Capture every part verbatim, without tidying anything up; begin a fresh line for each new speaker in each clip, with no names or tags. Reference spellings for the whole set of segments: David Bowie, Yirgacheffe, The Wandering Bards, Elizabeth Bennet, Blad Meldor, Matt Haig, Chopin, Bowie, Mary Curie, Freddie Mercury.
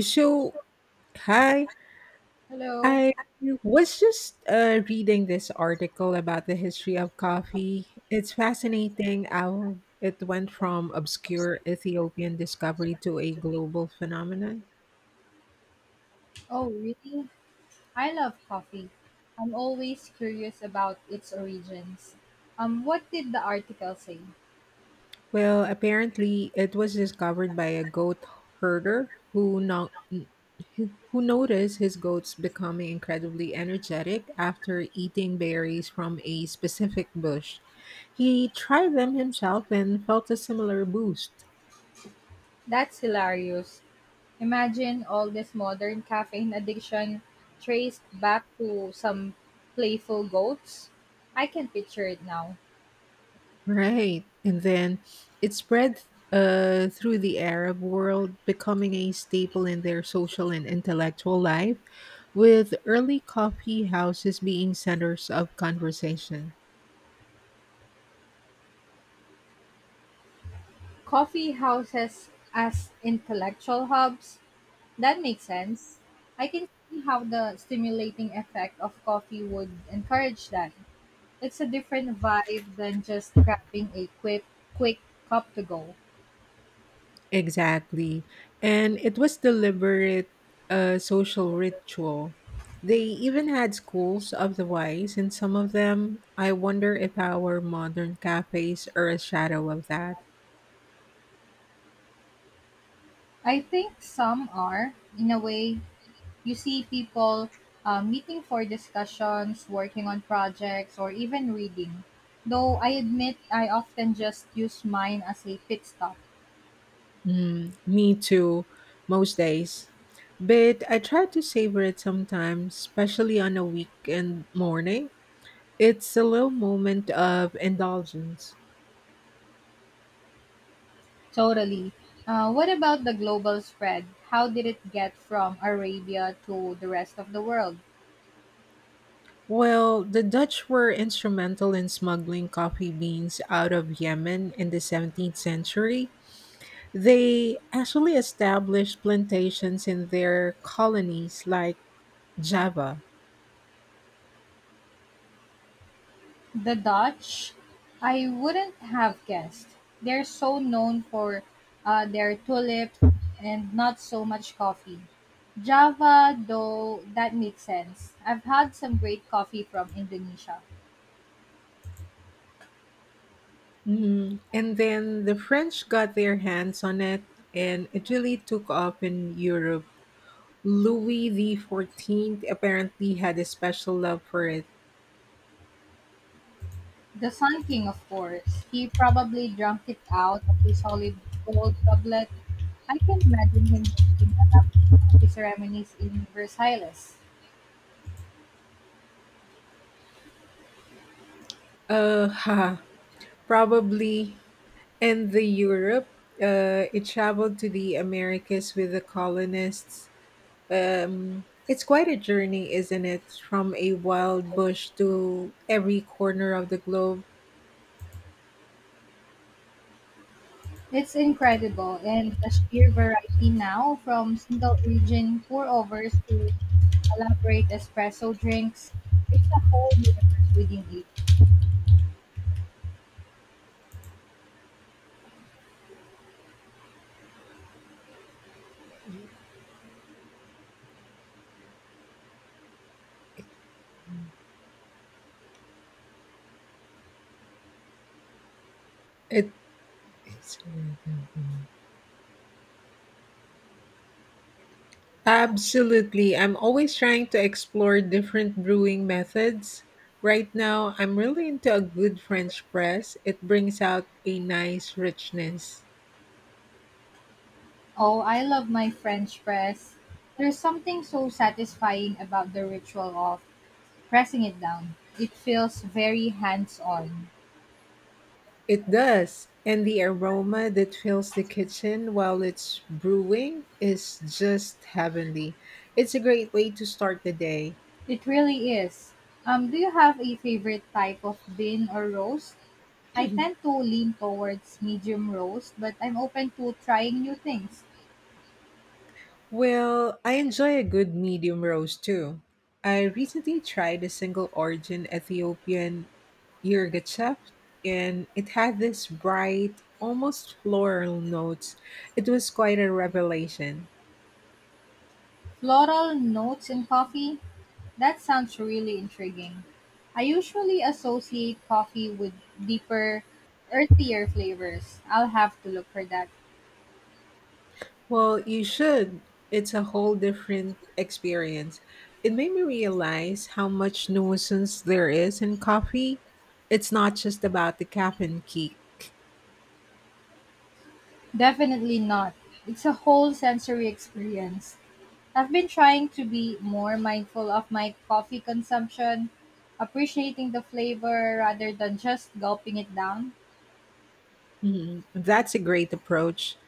So, hi. I was just uh, reading this article about the history of coffee. It's fascinating how it went from obscure Ethiopian discovery to a global phenomenon. Well, apparently it was discovered by a goat herder who no- who noticed his goats becoming incredibly energetic after eating berries from a specific bush. He tried them himself and felt a similar boost.
That's hilarious. Imagine all this modern caffeine addiction traced back to some playful goats. I can picture it now.
Right. And then it spread uh, through the Arab world, becoming a staple in their social and intellectual life, with early coffee houses being centers of conversation.
Coffee houses as intellectual hubs. That makes sense. I can see how the stimulating effect of coffee would encourage that. It's a different vibe than just grabbing a quick quick cup to go.
Exactly. And it was deliberate uh, social ritual. They even had schools of the wise, and some of them, I wonder if our modern cafes are a shadow of that.
I think some are, in a way, you see people uh, meeting for discussions, working on projects, or even reading. Though I admit I often just use mine as a pit stop.
Mm, me too, most days. But I try to savor it sometimes, especially on a weekend morning. It's a little moment of indulgence.
Totally. Uh, what about the global spread? How did it get from Arabia to the rest of the world?
Well, the Dutch were instrumental in smuggling coffee beans out of Yemen in the seventeenth century. They actually established plantations in their colonies like Java.
The Dutch, I wouldn't have guessed. They're so known for uh, their tulip and not so much coffee. Java, though, that makes sense. I've had some great coffee from Indonesia.
Mm, and then the French got their hands on it, and it really took off in Europe. Louis fourteen apparently had a special love for it.
The Sun King, of course. He probably drank it out of a solid gold goblet. I can imagine him hosting elaborate coffee ceremonies in Versailles.
Uh, ha, probably. And the Europe, uh, it traveled to the Americas with the colonists. Um, it's quite a journey, isn't it? From a wild bush to every corner of the globe.
It's incredible, and the sheer variety now from single origin pour overs to elaborate espresso drinks, it's a whole universe within it.
It, it's absolutely. I'm always trying to explore different brewing methods. Right now, I'm really into a good French press. It brings out a nice richness.
Oh, I love my French press. There's something so satisfying about the ritual of pressing it down. It feels very hands on.
It does. And the aroma that fills the kitchen while it's brewing is just heavenly. It's a great way to start the day.
It really is. Um, do you have a favorite type of bean or roast? I tend to lean towards medium roast, but I'm open to trying new things.
Well, I enjoy a good medium roast too. I recently tried a single origin Ethiopian Yirgacheffe, and it had this bright, almost floral notes. It was quite a revelation.
Floral notes in coffee? That sounds really intriguing. I usually associate coffee with deeper, earthier flavors. I'll have to look for that.
Well, you should. It's a whole different experience. It made me realize how much nuisance there is in coffee. It's not just about the caffeine kick.
Definitely not. It's a whole sensory experience. I've been trying to be more mindful of my coffee consumption, appreciating the flavor rather than just gulping it down.
Mhm. That's a great approach.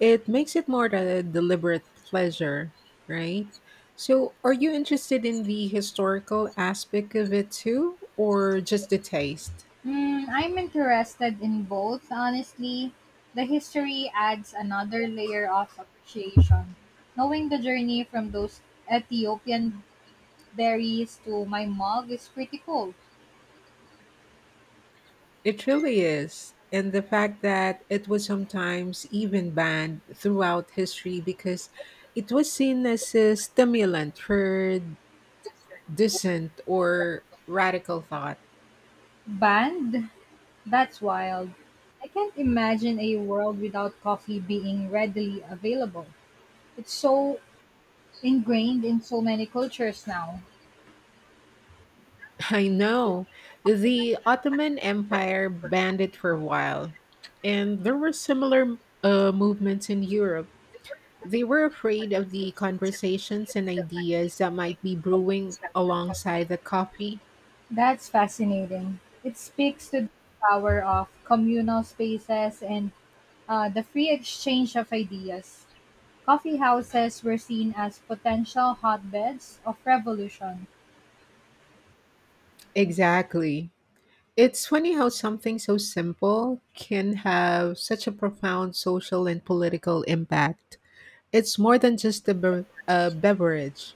It makes it more a deliberate pleasure, right? So, are you interested in the historical aspect of it too, or just the taste?
Hmm, I'm interested in both, honestly. The history adds another layer of appreciation. Knowing the journey from those Ethiopian berries to my mug is pretty cool.
It really is. And the fact that it was sometimes even banned throughout history because it was seen as a stimulant for dissent or radical thought.
Banned? That's wild. I can't imagine a world without coffee being readily available. It's so ingrained in so many cultures now.
I know the Ottoman Empire banned it for a while, and there were similar uh, movements in Europe. They were afraid of the conversations and ideas that might be brewing alongside the coffee.
That's fascinating. It speaks to the power of communal spaces and uh, the free exchange of ideas. Coffee houses were seen as potential hotbeds of revolution.
Exactly. It's funny how something so simple can have such a profound social and political impact. It's more than just a, be- a beverage.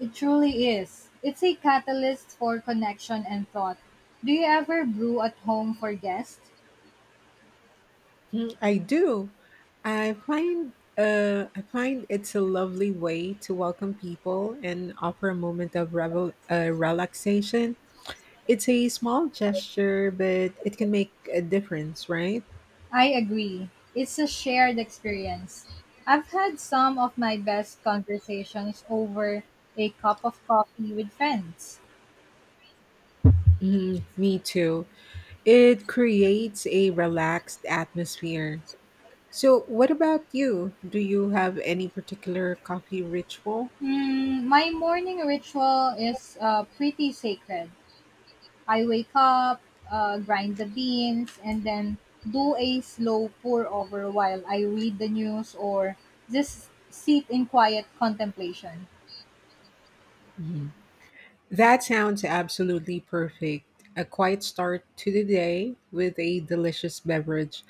It truly is. It's a catalyst for connection and thought. Do you ever brew at home for guests?
Mm, I do. I find uh, I find it's a lovely way to welcome people and offer a moment of revel- uh, relaxation. It's a small gesture, but it can make a difference, right?
I agree. It's a shared experience. I've had some of my best conversations over a cup of coffee with friends.
Mm, me too. It creates a relaxed atmosphere. So, what about you? Do you have any particular coffee ritual?
Mm, my morning ritual is uh, pretty sacred. I wake up, uh, grind the beans, and then do a slow pour over while I read the news or just sit in quiet contemplation.
That sounds absolutely perfect. A quiet start to the day with a delicious beverage.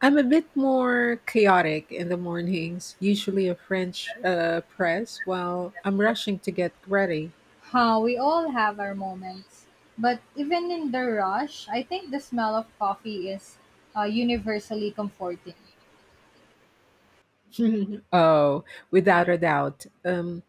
I'm a bit more chaotic in the mornings, usually a French uh, press while I'm rushing to get ready.
How we all have our moments. But even in the rush, I think the smell of coffee is uh, universally comforting.
Oh, without a doubt. Um,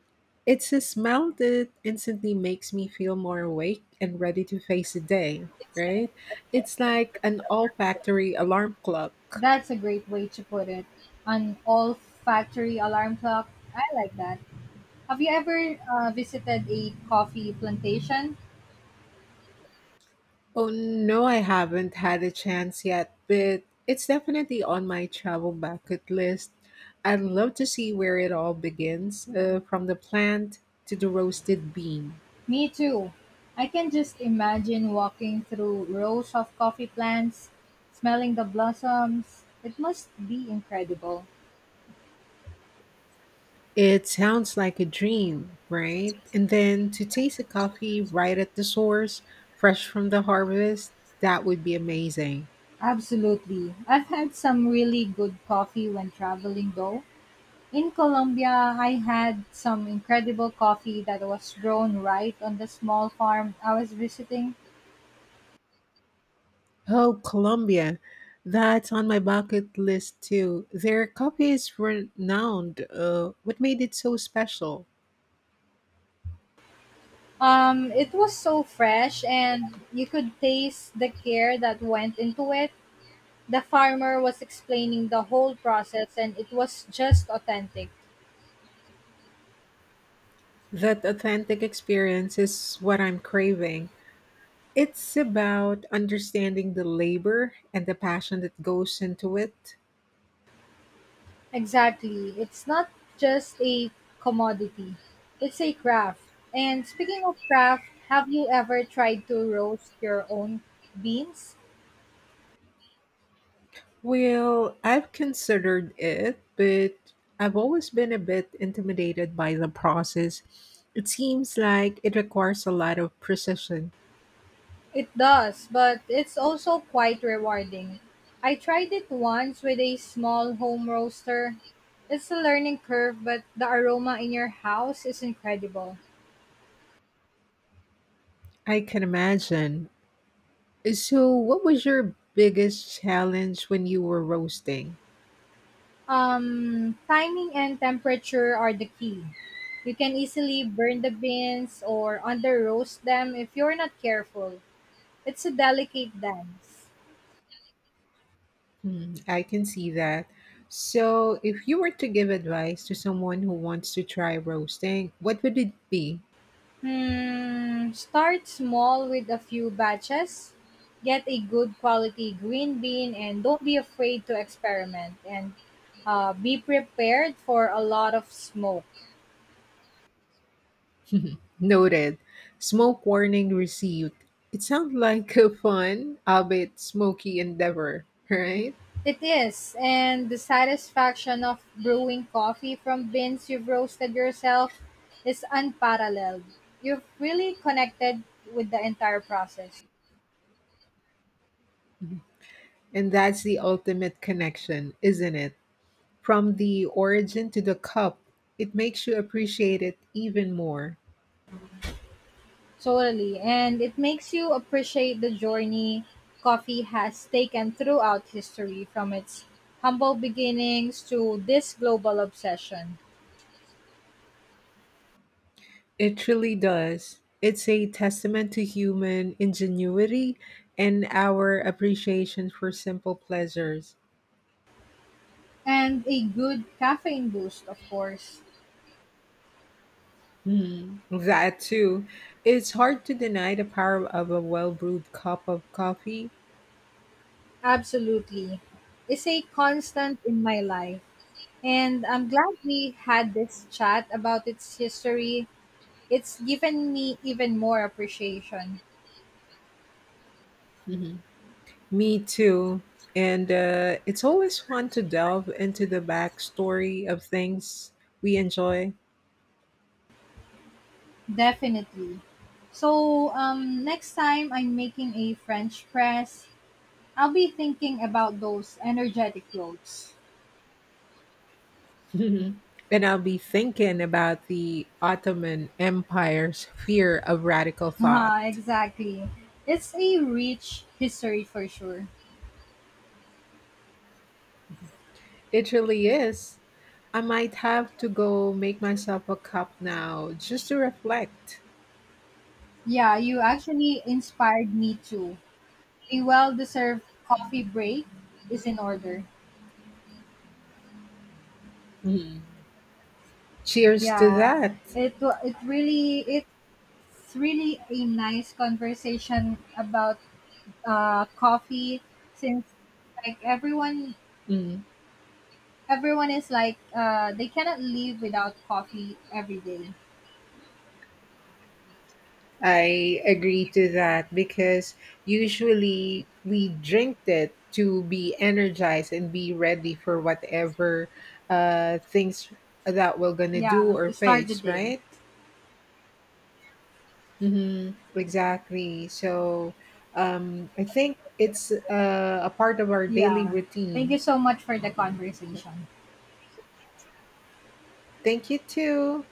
It's a smell that instantly makes me feel more awake and ready to face the day, right? It's like an olfactory alarm clock.
That's a great way to put it. An olfactory alarm clock. I like that. Have you ever uh, visited a coffee plantation?
Oh no, I haven't had a chance yet, but it's definitely on my travel bucket list. I'd love to see where it all begins, uh, from the plant to the roasted bean.
Me too. I can just imagine walking through rows of coffee plants, smelling the blossoms. It must be incredible.
It sounds like a dream, right? And then to taste the coffee right at the source, fresh from the harvest, that would be amazing.
Absolutely. I've had some really good coffee when traveling though. In Colombia, I had some incredible coffee that was grown right on the small farm I was visiting.
Oh, Colombia. That's on my bucket list too. Their coffee is renowned. Uh, what made it so special?
Um, it was so fresh and you could taste the care that went into it. The farmer was explaining the whole process and it was just authentic.
That authentic experience is what I'm craving. It's about understanding the labor and the passion that goes into it.
Exactly. It's not just a commodity, it's a craft. And speaking of craft, have you ever tried to roast your own beans?
Well, I've considered it, but I've always been a bit intimidated by the process. It seems like it requires a lot of precision.
It does, but it's also quite rewarding. I tried it once with a small home roaster. It's a learning curve, but the aroma in your house is incredible.
I can imagine. So, what was your biggest challenge when you were roasting?
Um, timing and temperature are the key. You can easily burn the beans or under roast them if you're not careful. It's a delicate dance.
Hmm, I can see that. So, if you were to give advice to someone who wants to try roasting, what would it be?
Hmm, start small with a few batches. Get a good quality green bean and don't be afraid to experiment and uh, be prepared for a lot of smoke.
Noted. Smoke warning received. It sounds like a fun, albeit smoky endeavor, right?
It is, and the satisfaction of brewing coffee from beans you've roasted yourself is unparalleled. You've really connected with the entire process.
And that's the ultimate connection, isn't it? From the origin to the cup, it makes you appreciate it even more.
Totally, and it makes you appreciate the journey coffee has taken throughout history from its humble beginnings to this global obsession.
It really does. It's a testament to human ingenuity and our appreciation for simple pleasures.
And a good caffeine boost, of course.
Mm, that too. It's hard to deny the power of a well brewed cup of coffee.
Absolutely. It's a constant in my life. And I'm glad we had this chat about its history. It's given me even more appreciation.
Hmm. Me too. And uh, it's always fun to delve into the backstory of things we enjoy.
Definitely. So, um, next time I'm making a French press, I'll be thinking about those energetic clothes.
Mhm. And I'll be thinking about the Ottoman Empire's fear of radical thought.
Haha, exactly. It's a rich history for sure.
It really is. I might have to go make myself a cup now just to reflect.
Yeah, you actually inspired me too. A well deserved coffee break is in order.
Mm. Cheers to
Yeah,
that.
it wa- it really it It's really a nice conversation about uh, coffee since like everyone
Mm.
everyone is like uh, they cannot live without coffee every day.
I agree to that because usually we drink it to be energized and be ready for whatever uh, things that we're going to do
Yeah,
or
to start the
face,
day.
right? Hmm. Exactly. So um, I think it's uh, a part of our daily
Yeah. Thank
routine.
you so much for the conversation.
Thank you too.